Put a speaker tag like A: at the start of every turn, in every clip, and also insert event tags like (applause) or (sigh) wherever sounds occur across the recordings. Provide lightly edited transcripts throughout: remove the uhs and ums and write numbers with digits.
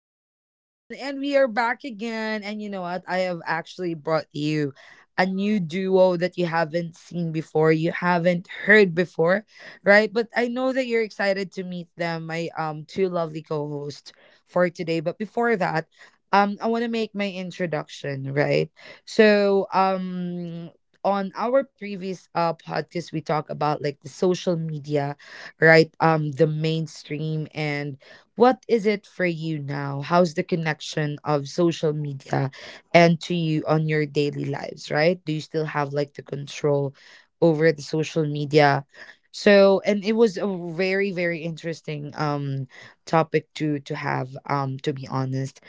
A: everyone, and we are back again. And you know what? I have actually brought you a new duo that you haven't seen before, you haven't heard before, right? But I know that you're excited to meet them, my two lovely co-hosts for today. But before that, I want to make my introduction, right? So, um. On our previous podcast, we talk about like the social media, right? The mainstream and what is it for you now? How's the connection of social media and to you on your daily lives, right? Do you still have like the control over the social media? So, and it was a very, very interesting topic to have to be honest.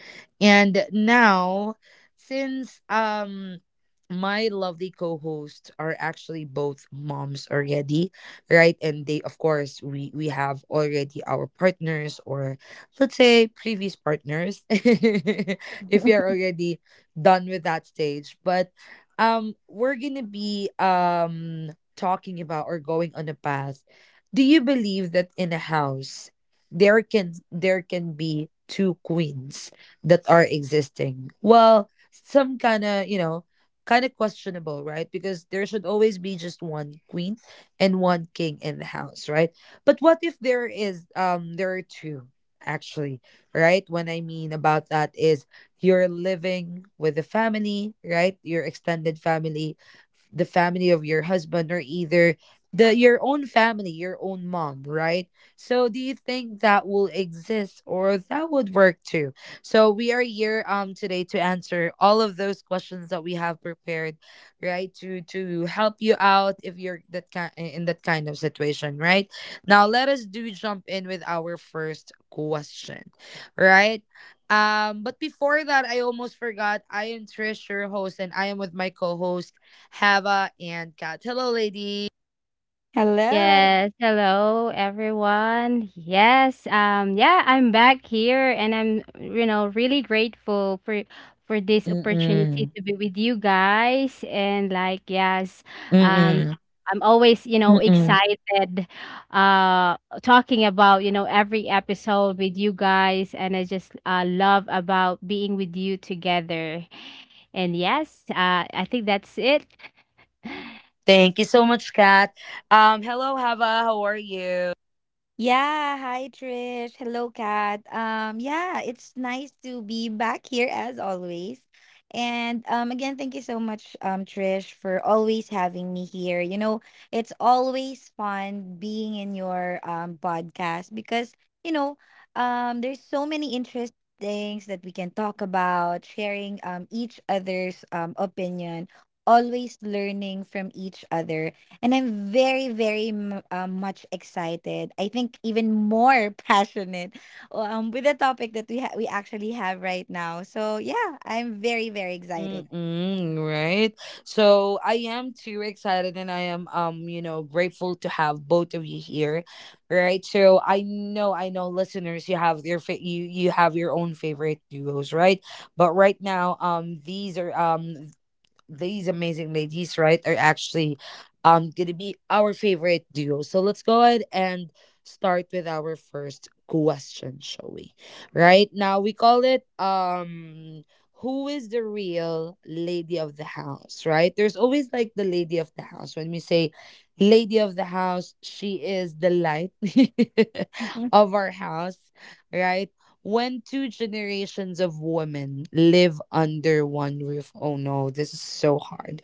A: And now since my lovely co-hosts are actually both moms already, right, and they, of course, we have already our partners or, let's say, previous partners (laughs) if you're already done with that stage. But we're gonna be talking about or going on a path, do you believe that in a house there can be two queens that are existing? Well, some kind of, you know, kind of questionable, right? Because there should always be just one queen and one king in the house, right? But what if there is there are two, actually, right? When I mean about that is you're living with the family, right? Your extended family, the family of your husband or either the your own family, your own mom, right? So do you think that will exist or that would work too? So we are here today to answer all of those questions that we have prepared, right, to help you out if you're that kind, in that kind of situation. Right now, let us do jump in with our first question, right. But before that, I almost forgot, I am Trish, your host, and I am with my co-host Hava and Kat. Hello, lady.
B: Hello.
C: Yes, hello everyone. Yes, yeah, I'm back here and I'm really grateful for this opportunity
A: Mm-mm.
C: to be with you guys and like um
A: Mm-mm.
C: I'm always, you know,
A: Mm-mm.
C: excited talking about, you know, every episode with you guys and I just love about being with you together. And yes, I think that's it. (laughs)
A: Thank you so much, Kat. Hello, Hava, how are you?
B: Yeah, Hi Trish. Hello, Kat. Yeah, it's nice to be back here as always. And again, thank you so much, Trish, for always having me here. You know, it's always fun being in your podcast because, you know, there's so many interesting things that we can talk about, sharing each other's opinion, always learning from each other. And I'm very, much excited. I think even more (laughs) passionate with the topic that we actually have right now. So yeah, I'm very, very excited.
A: Mm-mm, right. So I am too excited and I am, you know, grateful to have both of you here. Right. So I know, I know, listeners, you have your you you have your own favorite duos, right? But right now, these are these amazing ladies, right, are actually gonna be our favorite duo. So let's go ahead and start with our first question, shall we? Right now, we call it who is the real lady of the house, right? There's always like the lady of the house. When we say lady of the house, she is the light (laughs)
B: (laughs)
A: of our house, right? When two generations of women live under one roof. Oh no, this is so hard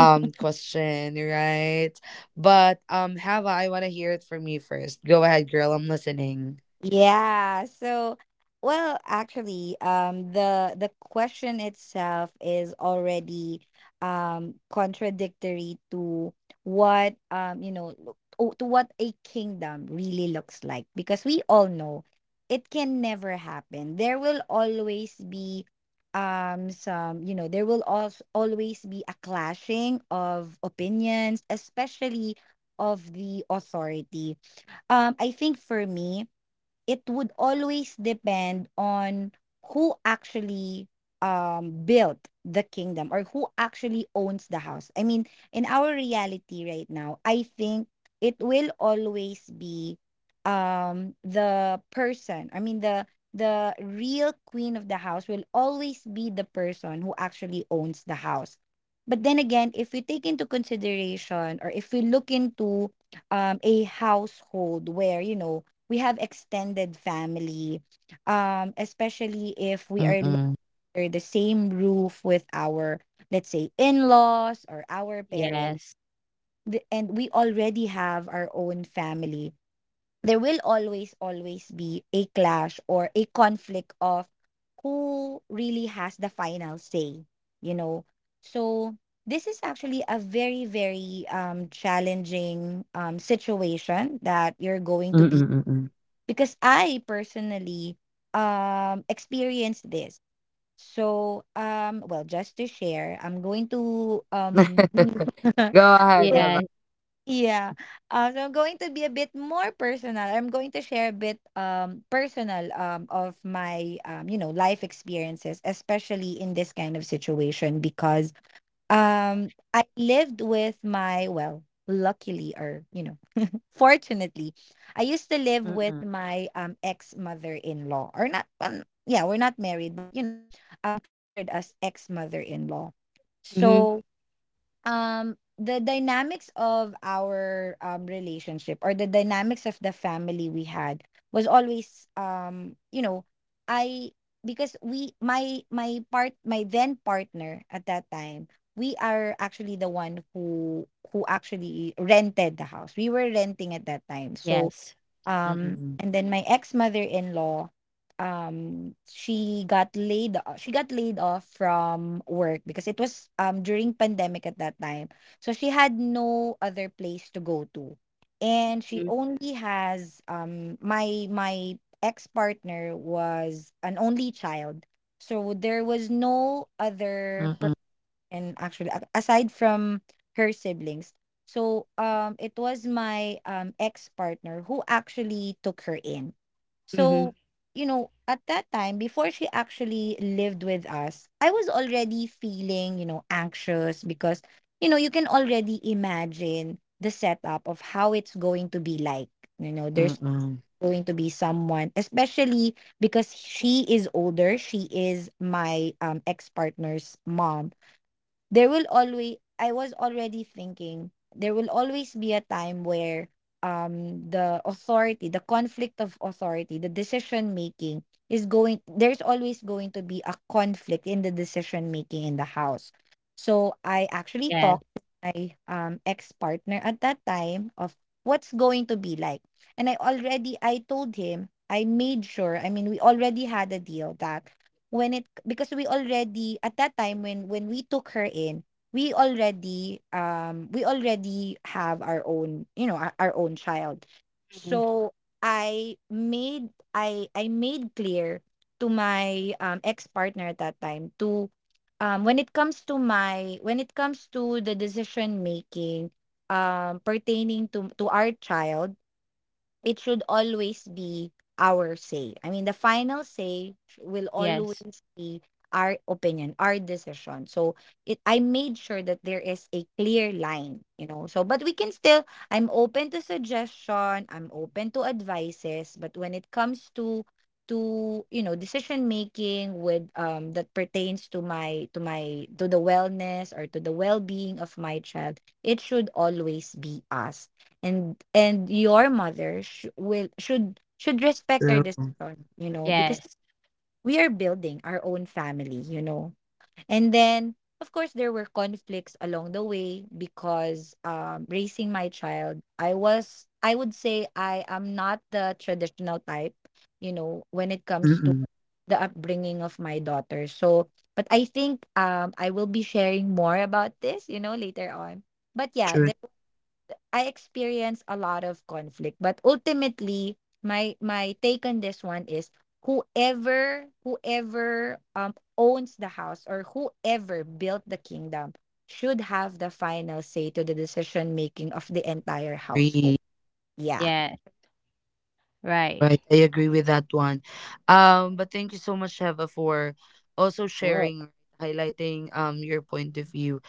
A: question, right? But Hava, I want to hear it from you first. Go ahead, girl, I'm listening.
B: Yeah. So, well, actually, the question itself is already contradictory to what to what a kingdom really looks like because we all know it can never happen. There will always be some, you know, there will also always be a clashing of opinions, especially of the authority. I think for me, it would always depend on who actually built the kingdom or who actually owns the house. I mean, in our reality right now, I think it will always be the person. I mean, the real queen of the house will always be the person who actually owns the house. But then again, if we take into consideration or if we look into a household where, you know, we have extended family, especially if
A: Mm-mm.
B: under the same roof with our, let's say, in laws or our parents,
C: Yes.
B: and we already have our own family. There will always, always be a clash or a conflict of who really has the final say, you know? So, this is actually a very, very challenging situation that you're going to be,
A: Mm-mm-mm-mm.
B: because I personally experienced this. So well, just to share, I'm going to
A: (laughs)
B: (laughs)
A: Go ahead,
B: So,
A: Hava.
C: Yes.
B: yeah. So I'm going to be a bit more personal. I'm going to share a bit personal of my life experiences, especially in this kind of situation because I lived with my, well, luckily, or, you know, fortunately, I used to live with
A: Mm-mm.
B: my ex mother in law, or not. Yeah, we're not married, but, you know, considered as ex mother in law.
C: Mhm.
B: So the dynamics of our relationship or the dynamics of the family we had was always, you know, I because we my my part my then partner at that time, we are actually the one who actually rented the house. We were renting at that time. So
C: Yes.
A: Mm-mm.
B: And then my ex-mother-in-law, she got laid o she got laid off from work because it was, during pandemic at that time. So she had no other place to go to. And she
C: Mhm.
B: only has, my my ex-partner was an only child. So there was no other, and actually aside from her siblings. So it was my ex-partner who actually took her in. So,
C: Mhm.
B: you know, at that time, before she actually lived with us, I was already feeling, you know, anxious, because, you know, you can already imagine the setup of how it's going to be like. You know, there's
A: Mm-mm. Mm-mm.
B: going to be someone, especially because she is older, she is my ex-partner's mom. There will always I was already thinking there will always be a time where the authority, the conflict of authority, the decision making is going there's always going to be a conflict in the decision making in the house. So I actually
C: Yes.
B: talked to my ex partner at that time of what's going to be like. And I told him, I made sure, I mean, we already had a deal that when it, because we already at that time, when we took her in, we already have our own, you know, our own child.
C: Mhm.
B: So I made clear to my ex-partner at that time to when it comes to the decision making pertaining to our child, it should always be our say. I mean, the final say will
C: Yes.
B: always be our opinion, our decision. So it, I made sure that there is a clear line, you know. So, but we can still, I'm open to suggestion, I'm open to advices, but when it comes to, decision making with that pertains to my to my to the wellness or to the well-being of my child, it should always be us. And your mother sh- will should respect our
A: True.
B: decision, you know, because
C: Yes.
B: we are building our own family, you know. And then, of course, there were conflicts along the way because raising my child, I would say I am not the traditional type, you know, when it comes to
A: Mm-mm.
B: the upbringing of my daughter. So but I think I will be sharing more about this, you know, later on. But yeah, I experience a lot of conflict. But ultimately, my take on this one is whoever, whoever owns the house or whoever built the kingdom should have the final say to the decision making of the entire household.
A: True.
B: Yeah.
C: Yeah. Right.
A: Right, I agree with that one. But thank you so much, Sheva, for also
B: Right.
A: sharing, highlighting your point of view.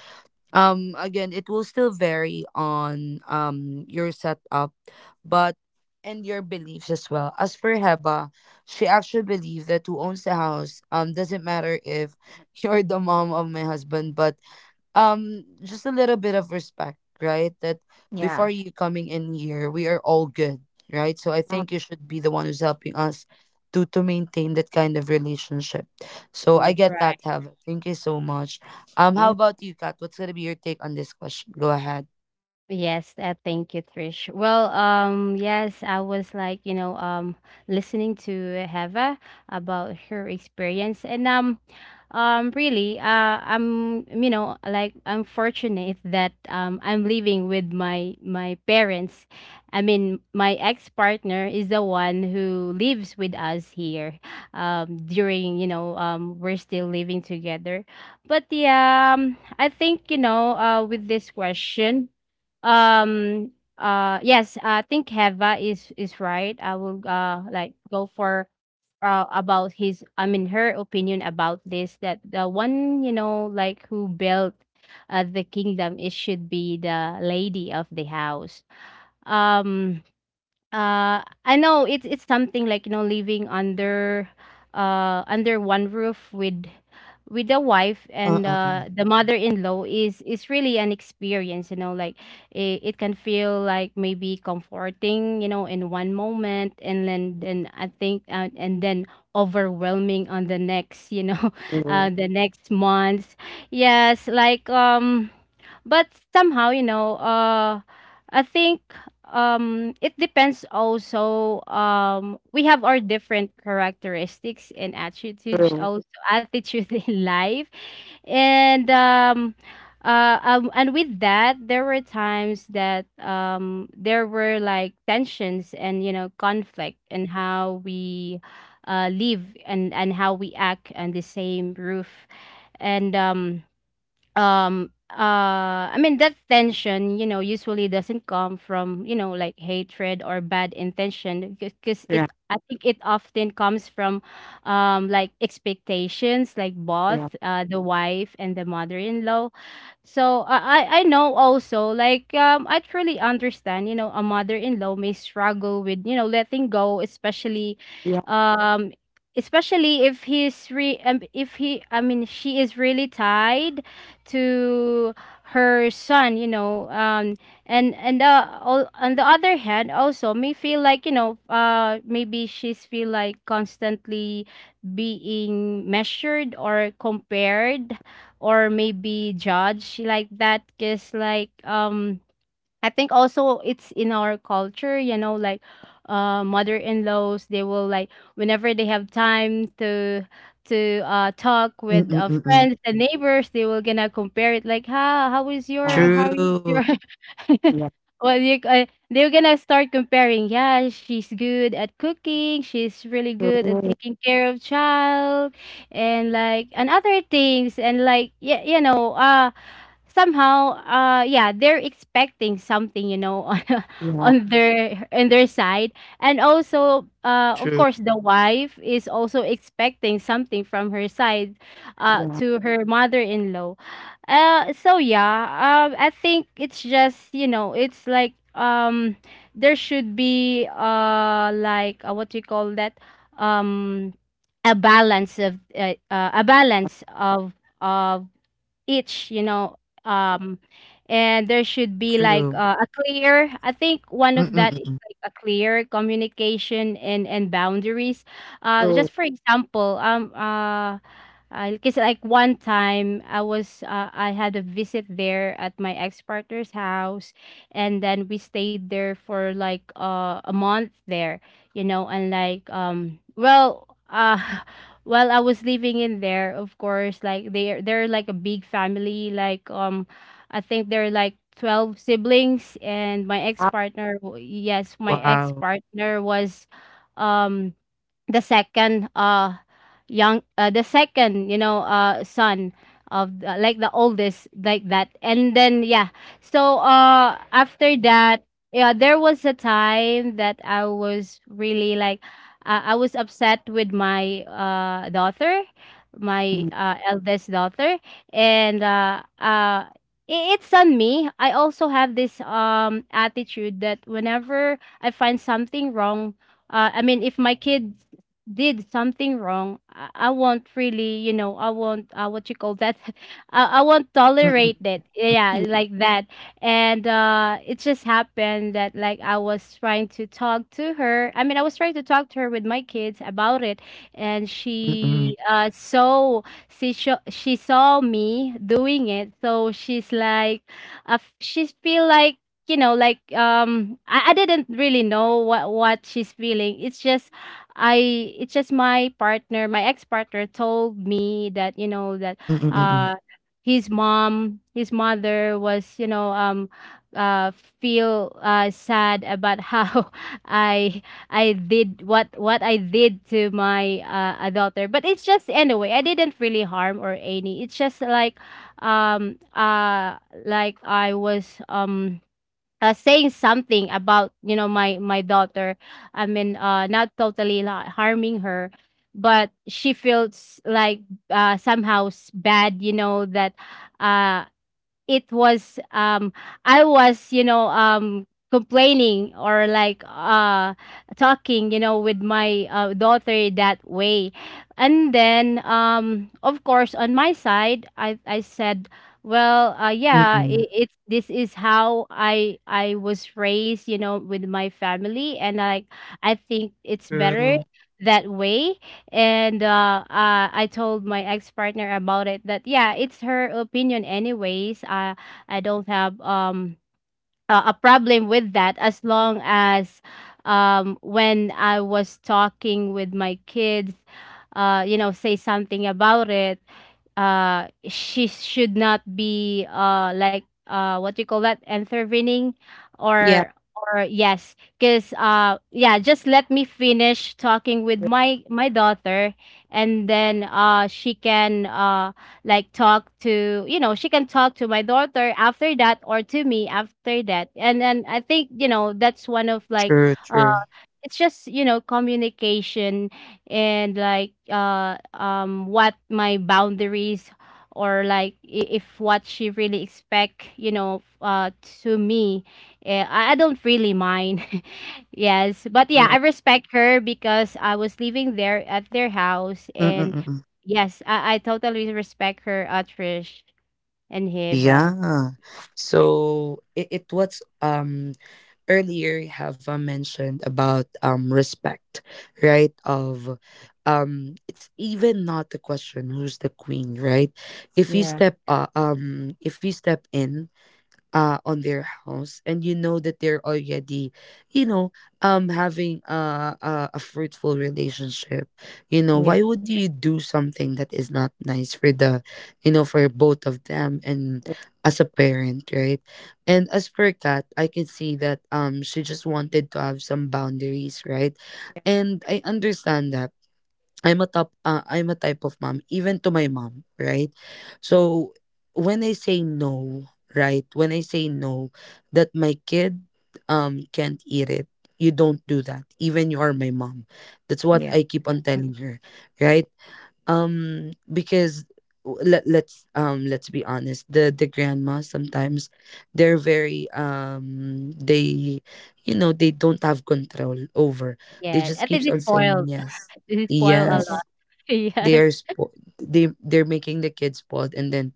A: Again, it will still vary on your setup, but and your beliefs as well. As for Heba, she actually believes that who owns the house doesn't matter if (laughs) you're the mom of my husband, but just a little bit of respect, right, that
B: Yeah.
A: before you coming in here, we are all good, right? So I think you should be the one who's helping us to maintain that kind of relationship. So I
B: True.
A: get that,
C: Right.
A: Heaven, thank you so much. How
B: Right.
A: about you, Kat? What's gonna be your take on this question? Go ahead.
C: Yes, thank you, Trish. Well, I was like, you know, listening to Heva about her experience, and really I'm like I'm fortunate that I'm living with my parents. I mean, my ex-partner is the one who lives with us here, during, you know, we're still living together. But I think, you know, with this question, um yes, I think Heva is right. I will, like, go for, about his, I mean, her opinion about this, that the one, you know, like, who built the kingdom, it should be the lady of the house. um I know it's something like, you know, living under under one roof with the wife and
A: Uh-uh-uh.
C: the mother-in-law is really an experience, you know. Like it can feel like maybe comforting, you know, in one moment, and then I think, and then overwhelming on the next, you know, (laughs)
B: True.
C: the next months. Yes. But somehow, you know, I think it depends also. We have our different characteristics and attitudes,
B: True.
C: also attitude (laughs) in life. And and with that, there were times that, there were like tensions and, you know, conflict and how we live and how we act on the same roof, and I mean that tension, you know, usually doesn't come from, you know, like hatred or bad intention, because it
B: Yeah.
C: I think it often comes from like expectations, like
B: Yeah.
C: both the wife and the mother-in-law. So I know also, like, I truly understand, you know, a mother-in-law may struggle with, you know, letting go, especially
B: Yeah.
C: um especially if he's re if he I mean she is really tied to her son, you know. And on the other hand also may feel like, you know, maybe she's feel like constantly being measured or compared or maybe judge like that, because like I think also it's in our culture, you know. Like mother-in-laws, they will like, whenever they have time to talk with
A: Mm-mm-mm-mm.
C: friends and neighbors, they will gonna compare it like, how is
B: Yeah.
C: your, how is
A: True.
C: your (laughs)
B: Yeah.
C: well, they're gonna start comparing. Yeah, she's good at cooking. She's really good at
B: True.
C: taking care of child, and like and other things. And like yeah, you know, somehow yeah, they're expecting something, you know, (laughs)
B: Yeah.
C: on their side. And also of
A: True.
C: course the wife is also expecting something from her side
B: Yeah.
C: to her mother-in-law. So I think it's just, you know, it's like, there should be like what you call that, um a balance of each, you know. um and there should be like
A: True.
C: a clear, I think one of that
A: Mm-mm-mm.
C: is like a clear communication and boundaries.
B: True.
C: Just for example, because like one time I was I had a visit there at my ex partner's house, and then we stayed there for like a month there, you know. And like (laughs) while I was living in there, of course, like they're like a big family. Like I think they're like 12 siblings. And my ex
B: Yeah.
C: partner, yes, my
A: Wow.
C: ex partner was, um, the second young the second, you know, son of the, like the oldest, like that. And then yeah, so after that, yeah, there was a time that I was really like I was upset with my daughter, my
B: Mm.
C: eldest daughter. And I- it's on me. I also have this attitude that whenever I find something wrong, I mean, if my kid did something wrong, I won't really, you know, I won't, what you call that, (laughs) I won't tolerate it. Yeah, like that. And it just happened that, like, I was trying to talk to her. I mean, I was trying to talk to her with my kids about it. And
A: Mm-mm-mm-mm.
C: she she saw me doing it. So she's like, she's feel like, you know, I didn't really know what she's feeling. It's just I it's just my partner, my ex-partner told me that, you know, that
A: Mm-mm-mm-mm.
C: uh his mom, his mother was, you know, uh feel sad about how (laughs) I I did what I did to my a daughter. But it's just anyway, I didn't really harm or any. It's just um uh like I was saying something about, you know, my daughter. I mean, not totally like harming her, but she feels like somehow bad, you know, that uh it was I was, you know, complaining or like talking, you know, with my daughter that way. And then of course on my side I said, well, yeah,
A: Mm-mm.
C: it, it's this is how I was raised, you know, with my family. And I think it's better
A: True.
C: that way. And I told my ex partner about it. That yeah, it's her opinion anyways. I don't have a problem with that, as long as when I was talking with my kids, you know, say something about it. She should not be like what you call that, intervening
B: Yeah.
C: or yes, because yeah, just let me finish talking with
B: Yeah.
C: my my daughter. And then she can like talk to, you know, she can talk to my daughter after that, or to me after that. And then I think, you know, that's one of like,
A: True.
C: it's just, you know, communication. And like what my boundaries, or like I- if what she really expect, you know, to me, I I don't really mind. (laughs) Yes, but yeah,
B: Yeah.
C: I respect her because I was living there at their house. And
A: True.
C: yes, I totally respect her, Trish and Hiva.
A: Yeah. So it was earlier, have mentioned about respect, right? Of it's even not the question who's the queen, right?
B: Yeah.
A: If you step in on their house, and you know that they're already, you know, having a, a fruitful relationship, you know,
B: Yeah.
A: why would you do something that is not nice for the, you know, for both of them? And as a parent, right, and as for Kat, I can see that she just wanted to have some boundaries, right? And I understand that. I'm a top I'm a type of mom even to my mom, right? So when I say no, right, when I say no that my kid can't eat it, you don't do that. Even you are my mom. That's what
B: Yeah.
A: I keep on telling her, right? Um, because let's be honest, the grandma sometimes they're very they, you know, they don't have control over. They
C: Yeah,
A: just
C: I think
A: keeps
C: they
A: on saying
C: spoiled.
A: yes.
C: (laughs) They spoiled a
B: Yeah.
C: lot.
A: Yes,
C: (laughs)
A: they are
C: Yes.
A: spo- they they're making the kids spoiled, and then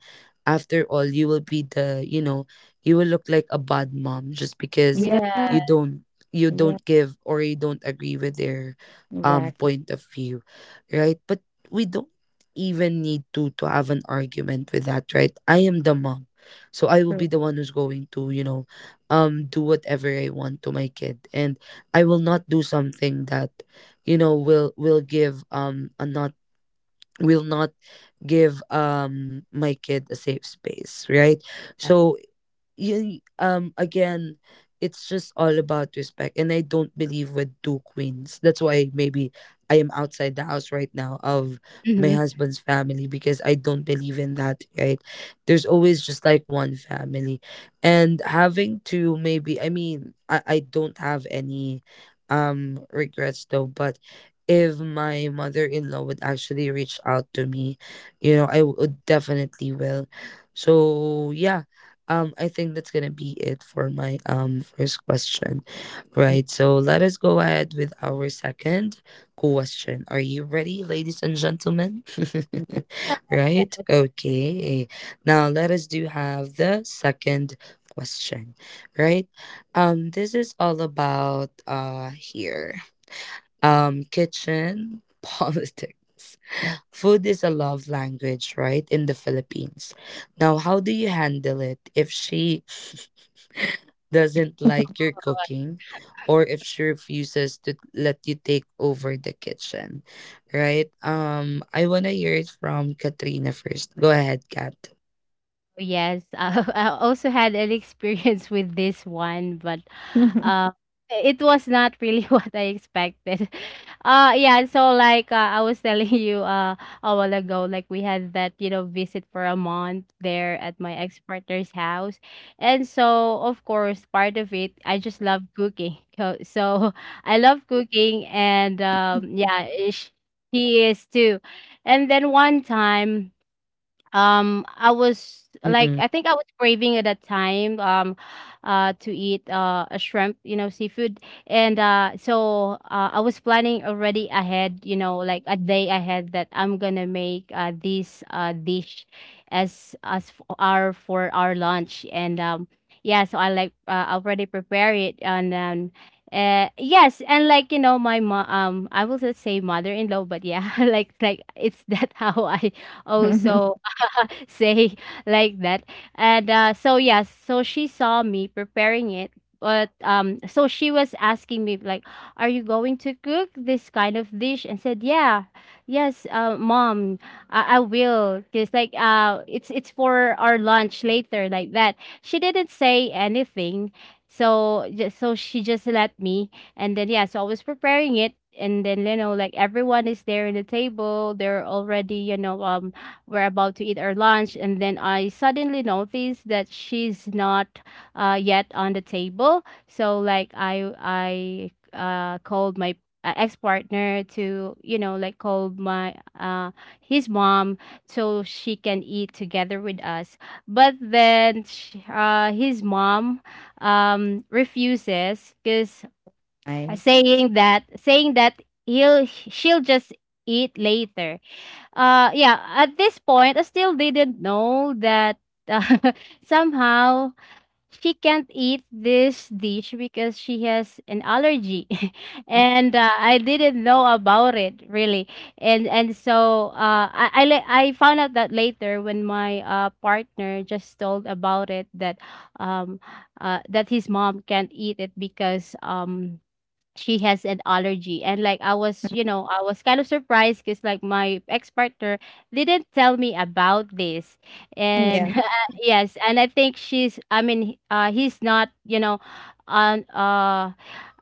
A: after all, you will be the, you know, you will look like a bad mom just because
B: Yeah,
C: Yeah.
A: you don't, you
B: yeah,
A: don't give or you don't agree with their
B: exactly.
A: point of view, right? But we don't even need to have an argument with that. Right, I am the mom, so I will
B: So
A: be the one who's going to, you know, do whatever I want to my kid. And I will not do something that, you know, will give another, will not give my kid a safe space, right?
B: that-
A: So you, again, it's just all about respect, and I don't believe with two queens. That's why maybe I am outside the house right now of my
C: Mhm.
A: husband's family, because I don't believe in that, right? There's always just like one family. And having to, maybe, I mean I don't have any regrets though. But if my mother-in-law would actually reach out to me, you know, I would definitely will. So yeah, I think that's gonna be it for my first question. Right, so let us go ahead with our second question. Are you ready, ladies and gentlemen? (laughs) Right? Okay. Now let us do have the second question. Right? This is all about here. Um, kitchen (laughs) politics. Food is a love language, right, in the Philippines. Now, how do you handle it if she (laughs) doesn't like your cooking, or if she refuses to let you take over the kitchen, right? I want to hear it from Katrina first. Go ahead, Kat.
C: Yes, (laughs) I also had an experience with this one, but
B: (laughs)
C: uh, it was not really (laughs) what I expected. Yeah, so like I was telling you a while ago, like we had that, you know, visit for a month there at my ex-partner's house. And so, of course, part of it, I just love cooking. So, so (laughs) I love cooking, and yeah, she is too. And then one time, I was like,
A: Mm-mm.
C: I think I was craving at that time, to eat a shrimp, you know, seafood. And I was planning already ahead, you know, like a day ahead, that I'm gonna make this dish as for our lunch. And um yeah so I like, already prepare it. And yes, and like, you know, my mom, I will just say mother-in-law, but yeah, (laughs) like it's that (laughs) how
A: Mm-mm.
C: I also (laughs) say like that. And so yes, so she saw me preparing it. But so she was asking me like, are you going to cook this kind of dish? And said yeah, yes, mom, I will, because like it's for our lunch later, like that. She didn't say anything. So just so she just let me. And then yeah, so I was preparing it, and then, you know, like everyone is there in the table, they're already, you know, we're about to eat our lunch. And then I suddenly noticed that she's not yet on the table. So like I called my ex-partner to, you know, like, called my his mom, so she can eat together with us. But then sh his mom refuses because
B: Fine.
C: saying that, saying that he'll she'll just eat later. Yeah, at this point, I still didn't know that uh, (laughs) somehow she can't eat this dish because she has an allergy. (laughs) And I didn't know about it really. And so I found out that later when my partner just told about it um that his mom can't eat it because she has an
A: Mm-mm.
C: allergy. And like I was kind of surprised because like my ex-partner didn't tell me about this. And
B: Yeah,
C: (laughs) yes, and I think she's I mean, he's not, you know on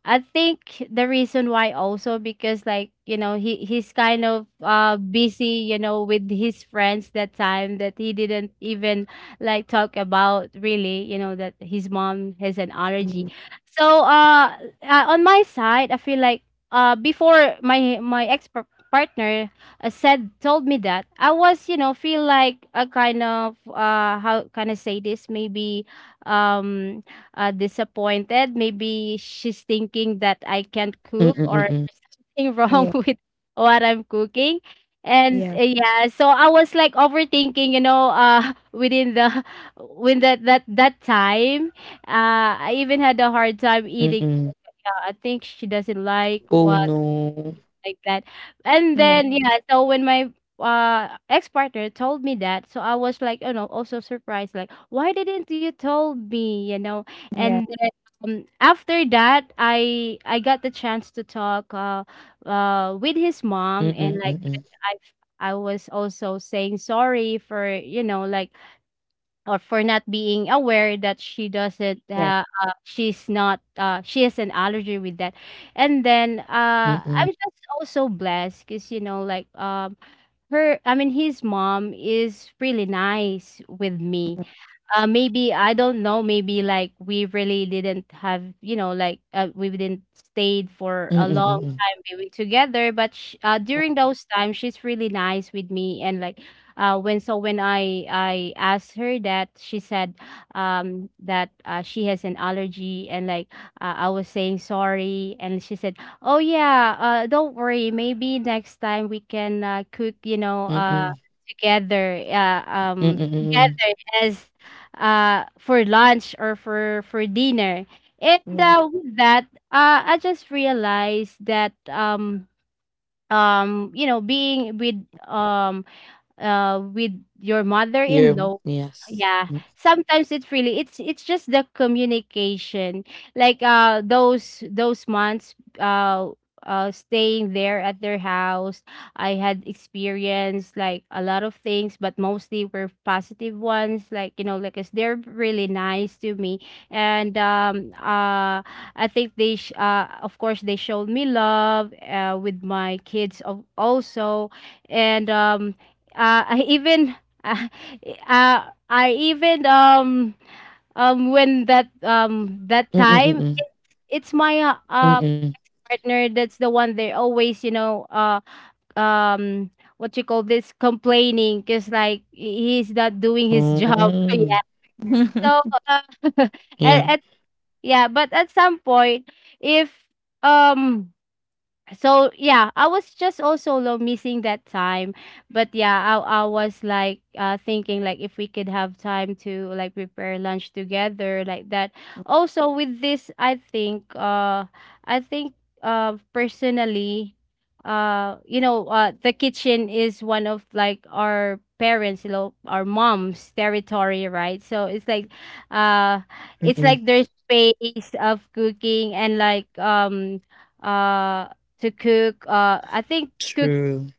C: I think the reason why, also because, like, he's kind of busy, with his friends, that time, that he didn't even like talk about really, that his mom has an allergy.
B: mm,
C: So on my side, I feel like before my ex partner said told me that, I was, feel like a kind of how can I say this, maybe um disappointed. Maybe she's thinking that I can't cook, or
A: Mm-mm.
C: there's something (laughs) wrong
B: yeah,
C: with what I'm cooking. And
B: yeah,
C: yeah, so I was like overthinking, (laughs) within the (laughs) within that time. I even had a hard time eating.
A: Mm-mm.
C: I think she doesn't like
A: Oh
C: what,
A: no.
C: like that. And
B: yeah,
C: then yeah, so when my ex-partner told me that, so I was like, also surprised, like, why didn't you told me, you know?
B: yeah,
C: And then after that, I got the chance to talk with his mom,
A: Mm-mm.
C: and like
A: Mm-mm.
C: I was also saying sorry for, like, or for not being aware that
B: yeah,
C: she's not she has an allergy with that. And then I'm
A: Mm-mm.
C: just also blessed because, like, her I mean, his mom is really nice with me. Maybe I don't know. Maybe like we really didn't have, like, we didn't stayed for a
A: Mm-mm.
C: long
A: Mm-mm.
C: time maybe together. But during those times, she's really nice with me, and like, when I asked her that, she said, that she has an allergy, and like I was saying sorry, and she said, oh yeah, don't worry. Maybe next time we can cook,
A: Mm-mm. Mm-mm.
C: together. Yes, for lunch or for dinner. And
B: yeah, yeah,
C: with that, I just realized that being with um uh with your
A: You're
C: mother-in-law.
A: yes.
C: Yeah, sometimes it's really it's just the communication, like those months uh staying there at their house. I had experienced, like, a lot of things, but mostly were positive ones, like, like, 'cause they're really nice to me. And I think they of course, they showed me love with my kids of also. And I even (laughs) uh, I even when that time,
A: Mm-mm.
C: it's my
A: Mm-mm.
C: partner that's the one they always, um what you call this, complaining, because, like, he's not doing his job. (laughs)
A: Oh,
C: Yeah, so
B: (laughs)
C: uh, (laughs)
A: yeah.
C: at, at, yeah, but at some point, if um so yeah, I was just also low missing that time. But yeah, I was like thinking, like, if we could have time to, like, prepare lunch together like that. Also with this, I think personally, the kitchen is one of, like, our parents, our mom's territory, right? So it's like, uh it's
A: Mm-mm.
C: like their space of cooking, and like, uh to cook. I think cook
A: True.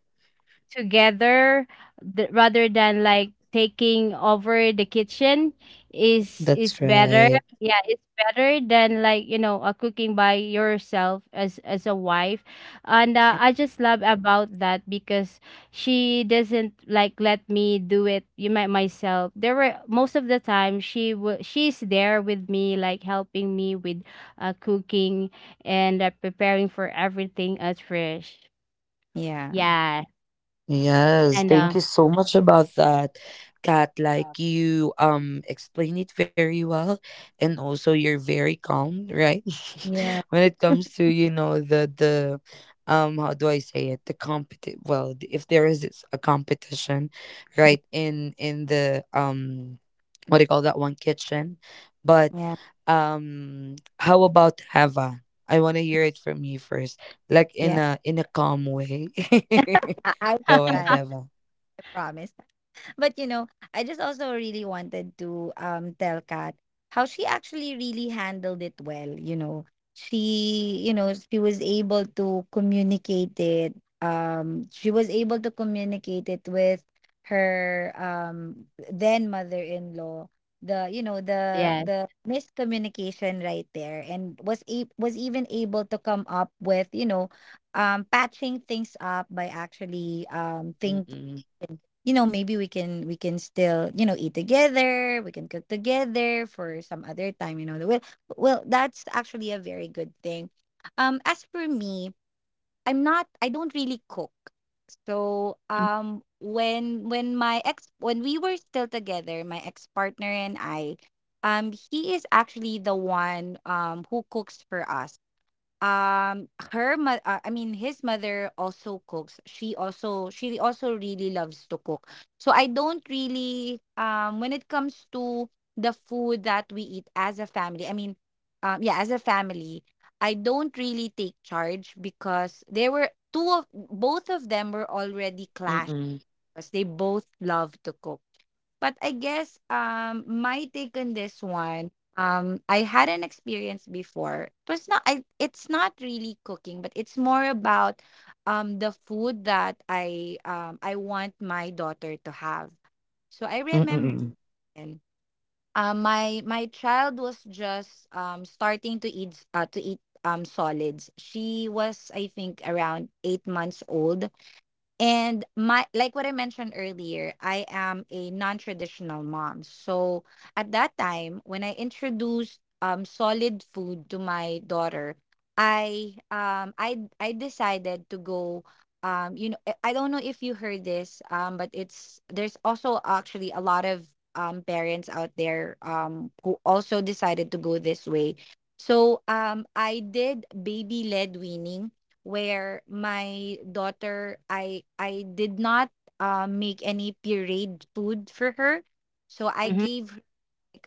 C: together, rather than like taking over the kitchen,
A: That's
C: is better.
A: right.
C: Yeah, it's better than, like, cooking by yourself as a wife. And I just love about that because she doesn't like let me do it you might myself. There were most of the time she's there with me, like, helping me with cooking, and preparing for everything as fresh.
B: yeah, yeah,
C: Yeah.
A: Yes,
C: and
A: thank you so much about that, Kat. Like you explain it very well, and also you're very calm, right?
B: yeah,
A: (laughs) When it comes to, you know, the how do I say it, the competi well, if there is, it's a competition, right, in the what do you call that one, kitchen, but
B: yeah.
A: how about Hava? I want to hear it from you first, like
B: Yeah.
A: in a calm way.
B: I
A: (laughs)
B: will
A: Go
B: try.
A: ahead,
B: I
A: Devon.
B: promise. But you know, I just also really wanted to tell Kat how she actually really handled it well. You know, she was able to communicate it. She was able to communicate it with her then mother-in-law. The, you know,
C: Yes.
B: the miscommunication right there, and was even able to come up with, you know, patching things up by actually thinking, you know, maybe we can, we can still, you know, eat together, we can cook together for some other time. You know, well, well, that's actually a very good thing. As for me, I don't really cook. So
C: Mm,
B: when my ex, when we were still together, my ex partner and I, he is actually the one who cooks for us. I mean, his mother also cooks. She also really loves to cook. So I don't really when it comes to the food that we eat as a family, I mean, yeah, as a family, I don't really take charge because there were two of, both of them were already clashed
A: Mm-mm.
B: because they both love to cook. But I guess my take on this one, I had an experience before. It was not, I it's not really cooking, but it's more about the food that I want my daughter to have. So I remember
A: Mm-mm.
B: then, my my child was just starting to to eat solids. She was, I think, around 8 months old. And my, like what I mentioned earlier, I am a non-traditional mom. So at that time, when I introduced solid food to my daughter, I decided to go I don't know if you heard this, but it's there's also actually a lot of parents out there who also decided to go this way. So I did baby led weaning where my daughter, I did not make any pureed food for her. So I
C: mhm.
B: gave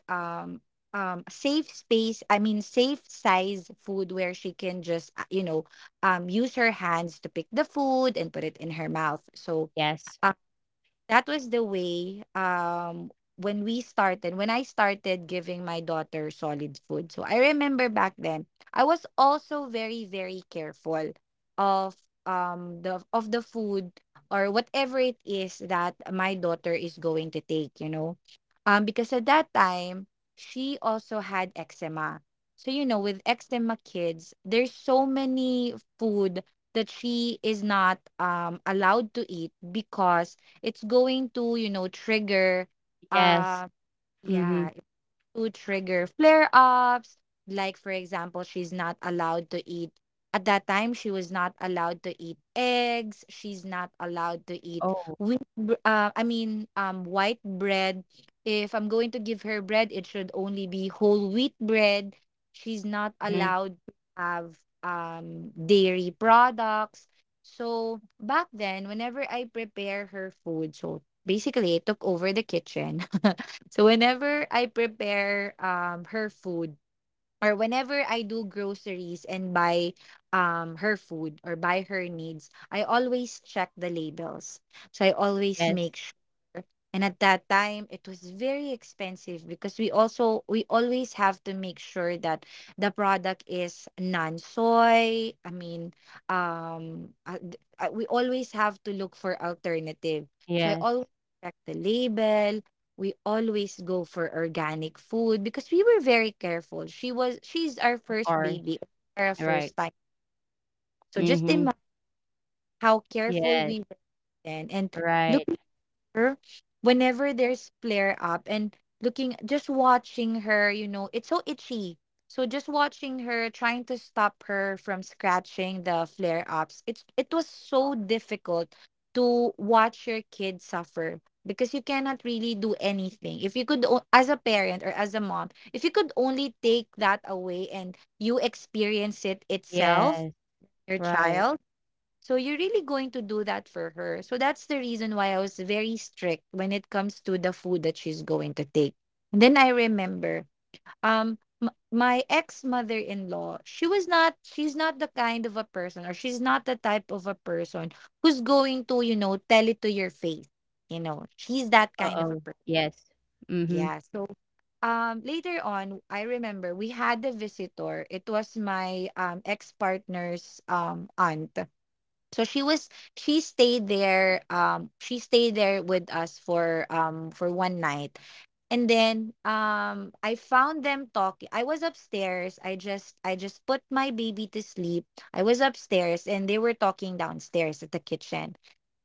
B: her safe space, I mean, safe size food where she can just, use her hands to pick the food and put it in her mouth. So
C: Yes.
B: um, that was the way when I started giving my daughter solid food. So I remember back then, I was also very, very careful of the of the food or whatever it is that my daughter is going to take, you know, because at that time she also had eczema. So you know, with eczema kids, there's so many food that she is not allowed to eat because it's going to, you know, trigger
C: Yes.
B: um
C: Mhm.
B: yeah to trigger flare ups. Like, for example, she's not allowed to eat, at that time, she was not allowed to eat eggs. She's not allowed to eat
C: Oh.
B: wheat, I mean, white bread. If I'm going to give her bread, it should only be whole wheat bread. She's not
C: Mhm.
B: allowed to have dairy products. So back then, whenever I prepare her food, so basically I took over the kitchen. (laughs) So whenever I prepare her food, or whenever I do groceries and buy her food or buy her needs, I always check the labels. So I always
C: Yes.
B: make sure, and at that time it was very expensive because we always have to make sure that the product is non soy. I mean, we always have to look for alternative. So I
C: Yes.
B: always check the label. We always go for organic food because we were very careful. She's our
C: Of
B: first
C: course.
B: baby, our
C: Right.
B: first time. So just
C: Mhm.
B: imagine how careful
C: Yes.
B: we were then, and
C: Right.
B: look her whenever there's flare up, and looking, just watching her, it's so itchy. So just watching her trying to stop her from scratching the flare ups, it was so difficult to watch your kid suffer, because you cannot really do anything. If you could as a parent or as a mom, if you could only take that away and you experience it
C: Yes.
B: itself, your
C: Right.
B: child, so you're really going to do that for her. So that's the reason why I was very strict when it comes to the food that she's going to take. And then I remember, my ex mother-in-law, she's not the kind of a person, or she's not the type of a person who's going to, tell it to your face. You know, she's that kind of
C: Uh-oh.
B: a person.
C: Yes. Mhm.
B: Yeah. So later on, I remember we had a visitor. It was my ex-partner's aunt. So she stayed there, she stayed there with us for, for one night. And then I found them talking. I was upstairs. I just put my baby to sleep. I was upstairs and they were talking downstairs at the kitchen.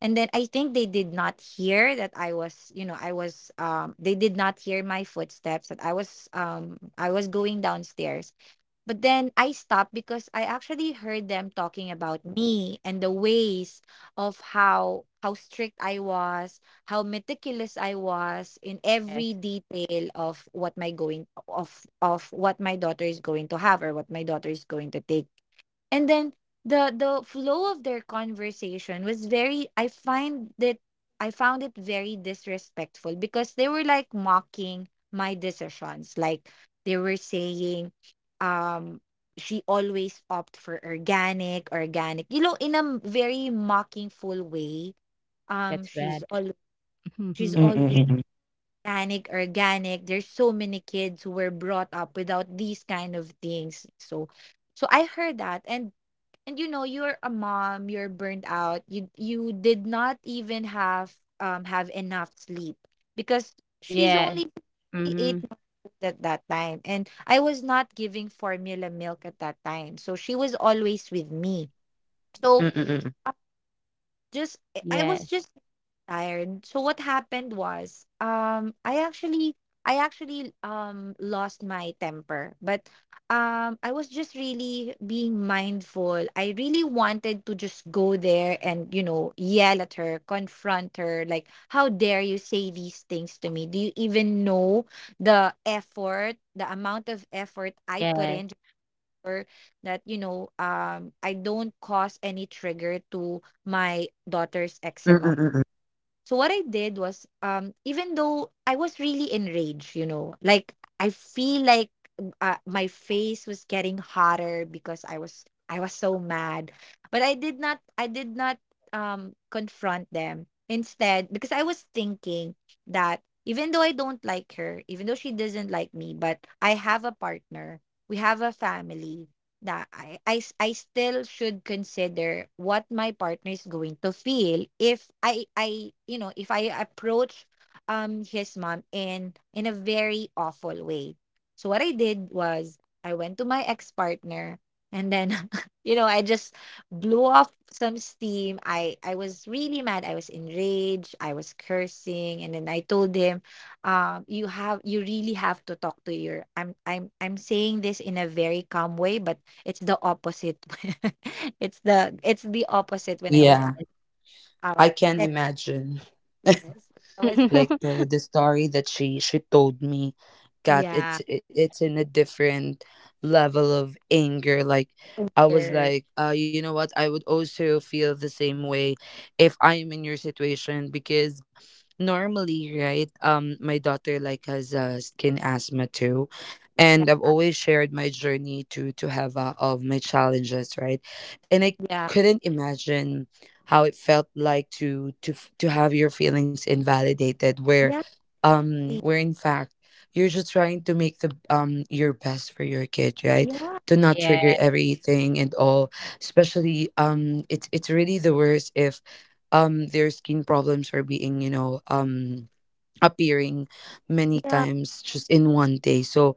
B: And then I think they did not hear that, I was you know I was they did not hear my footsteps, that I was, I was going downstairs. But then I stopped because I actually heard them talking about me, and the ways of how strict I was, how meticulous I was in
C: Yes.
B: every detail of what my daughter is going to have, or what my daughter is going to take. And then the flow of their conversation was very I find that I found it very disrespectful, because they were like mocking my decisions. Like, they were saying, um "She always opt for organic, organic," in a very mocking full way.
C: That's
B: um
C: bad.
B: she's all
C: Mhm.
B: she's
A: Mm-mm.
B: always
A: Mm-mm.
B: organic, organic. There's so many kids who were brought up without these kind of things. So I heard that, and you know, you're a mom, you're burnt out, you did not even have enough sleep, because she's
C: Yes.
B: only
C: Mhm.
B: 8 months old at that time, and I was not giving formula milk at that time, so she was always with me. So
A: Mm-mm.
B: just I was
C: Yes.
B: just tired. So what happened was, I actually, lost my temper, but, I was just really being mindful. I really wanted to just go there and, you know, yell at her, confront her, like, how dare you say these things to me? Do you even know the effort, the amount of effort I put
C: Yes.
B: in? Or that, I don't cause any trigger to my daughter's
A: Mm-mm.
B: eczema.
A: Mm-mm.
B: So what I did was, even though I was really enraged, you know, like, I feel like, my face was getting hotter because I was so mad, but I did not confront them. Instead, because I was thinking that even though I don't like her, even though she doesn't like me, but I have a partner, we have a family, that, I still should consider what my partner is going to feel if I I you know if I approach his mom in a very awful way. So what I did was, I went to my ex-partner, and then (laughs) I just blew off some steam. I was really mad. I was enraged. I was cursing, and then I told him, you really have to talk to your —" I'm saying this in a very calm way, but it's the opposite. (laughs) It's the opposite when I was
A: Yeah,
B: out. out-
A: I can
B: ten
A: imagine. (laughs)
B: years. I was,
A: Like
C: (laughs)
A: the story that she told me got,
B: yeah,
A: it's in a different level of anger. Like I was
B: here,
A: like, you know what, I would also feel the same way if I am in your situation, because normally, right, my daughter like has, skin asthma too, and I've
B: yeah,
A: always shared my journey to have of my challenges, right, and I
B: yeah,
A: couldn't imagine how it felt like to to have your feelings invalidated,
B: yeah, see,
A: where in fact you're just trying to make the, your best for your kid, right,
B: yeah,
A: to not
C: Yeah.
A: trigger everything and all. Especially, it's really the worst if their skin problems are being, you know, appearing many
B: yeah,
A: times just in one day. So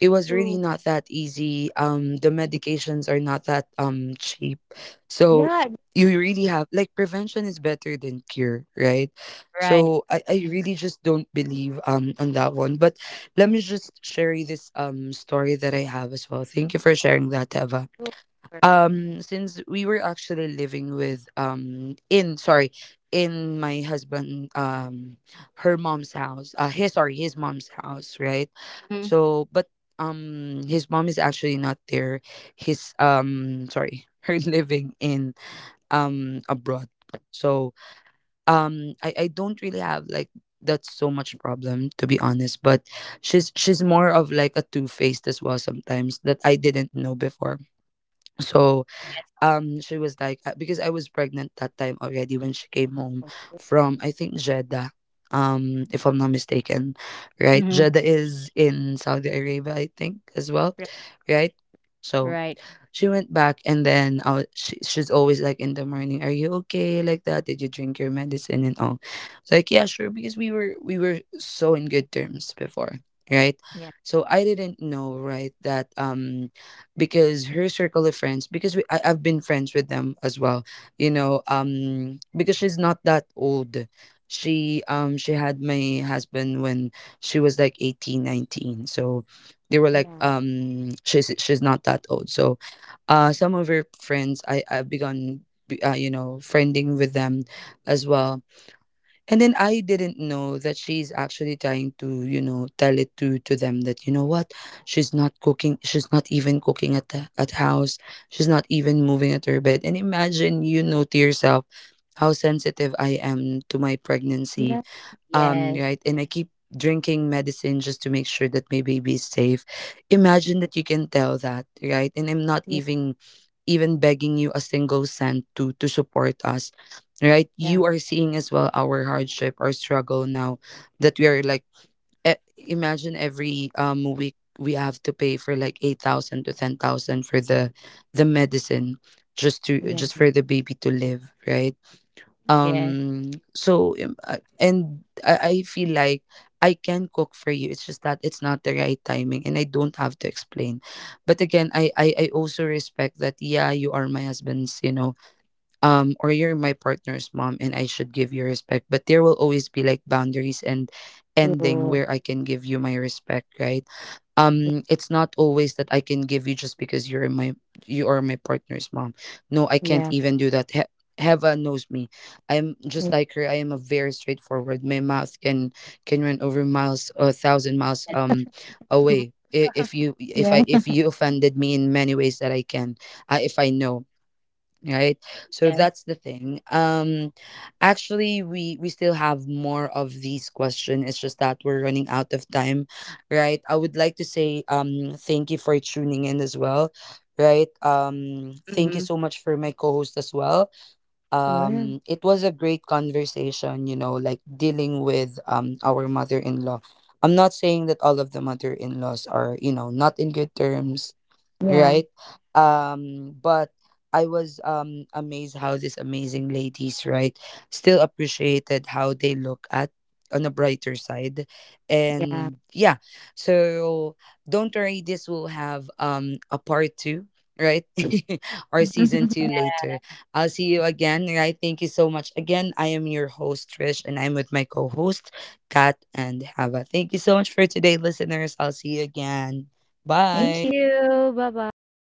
A: it was really
B: true,
A: not that easy. The medications are not that cheap. So
B: yeah,
A: you really have like prevention is better than cure, right?
C: Right.
A: So I really just don't believe on that one. But let me just share you this story that I have as well. Thank you for sharing that, Teva.
B: true, right,
A: Since we were actually living with in my husband her mom's house, his, sorry, his mom's house, right?
C: Mhm.
A: So but his mom is actually not there. His sorry (laughs) her living in abroad. So I don't really have like that's so much problem to be honest, but she's more of like a two-faced as well sometimes that I didn't know before. So
C: Yes.
A: she was like because I was pregnant that time already when she came home from, I think, Jeddah, if I'm not mistaken. Right,
C: Mhm.
A: Jeddah is in Saudi Arabia, I think, as well,
B: right,
A: right? So.
C: Right.
A: She went back, and then I was, she, she's always like in the morning, "Are you okay?" Like that. Did you drink your medicine and all? It's like, yeah, sure, because we were so in good terms before, right?
B: yeah,
A: So I didn't know, right, that because her circle of friends, because we, I've been friends with them as well, because she's not that old. She had my husband when she was like 18, 19. So they were like
B: yeah,
A: she's not that old. So some of her friends, I've begun you know, friending with them as well. And then I didn't know that she's actually trying to, you know, tell it to them that, you know what, she's not cooking, she's not even cooking at the at house, she's not even moving at her bed, and imagine, you
C: Mhm.
A: know, to yourself how sensitive I am to my
B: yeah,
A: pregnancy,
C: Yes.
A: right? And I keep drinking medicine just to make sure that my baby is safe. Imagine that you can tell that, right? And I'm not
B: yeah,
A: even begging you a single cent to support us, right?
B: yeah,
A: You are seeing as well our hardship, our struggle now that we are like e- imagine every week we have to pay for like 8,000 to 10,000 for the medicine, just to
B: yeah,
A: just for the baby to live, right?
C: Yes.
A: And I feel like I can cook for you, it's just that it's not the right timing and I don't have to explain. But again, I also respect that, yeah, you are my husband's, you know, or you're my partner's mom, and I should give you respect, but there will always be like boundaries and ending
B: true,
A: where I can give you my respect, right? It's not always that I can give you just because you're my, you are my partner's mom. No, I
B: yeah,
A: can't even do that. Heva knows me. I'm
B: yeah,
A: just like her. I am a very straightforward, my mouth can run over miles, a thousand
C: Yes.
A: miles
C: Mhm.
A: away. If you,
B: (laughs)
A: if
B: yeah,
A: I, if you offended me in many ways that I can, if I know, right? So
C: Yes.
A: that's the thing. Actually, we still have more of these questions, it's just that we're running out of time, right? I would like to say thank you for tuning in as well, right?
C: Mhm.
A: Thank you so much for my co-host as well.
B: sure,
A: It was a great conversation, you know, like dealing with our mother-in-law. I'm not saying that all of the mother-in-laws are, you know, not in good terms,
B: yeah,
A: right? But I was amazed how these amazing ladies, right, still appreciated how they look at on a brighter side.
B: yeah.
A: And yeah, so don't worry, this will have a part two, right? (laughs) Or season two
B: (laughs)
A: later. I'll see you again, right? Thank you so much. Again, I am your host, Trish, and I'm with my co-host, Kat and Hava. Thank you so much for today, listeners. I'll see you again.
C: Thank
B: Thank
A: Bye.
B: you.
C: you. Bye-bye.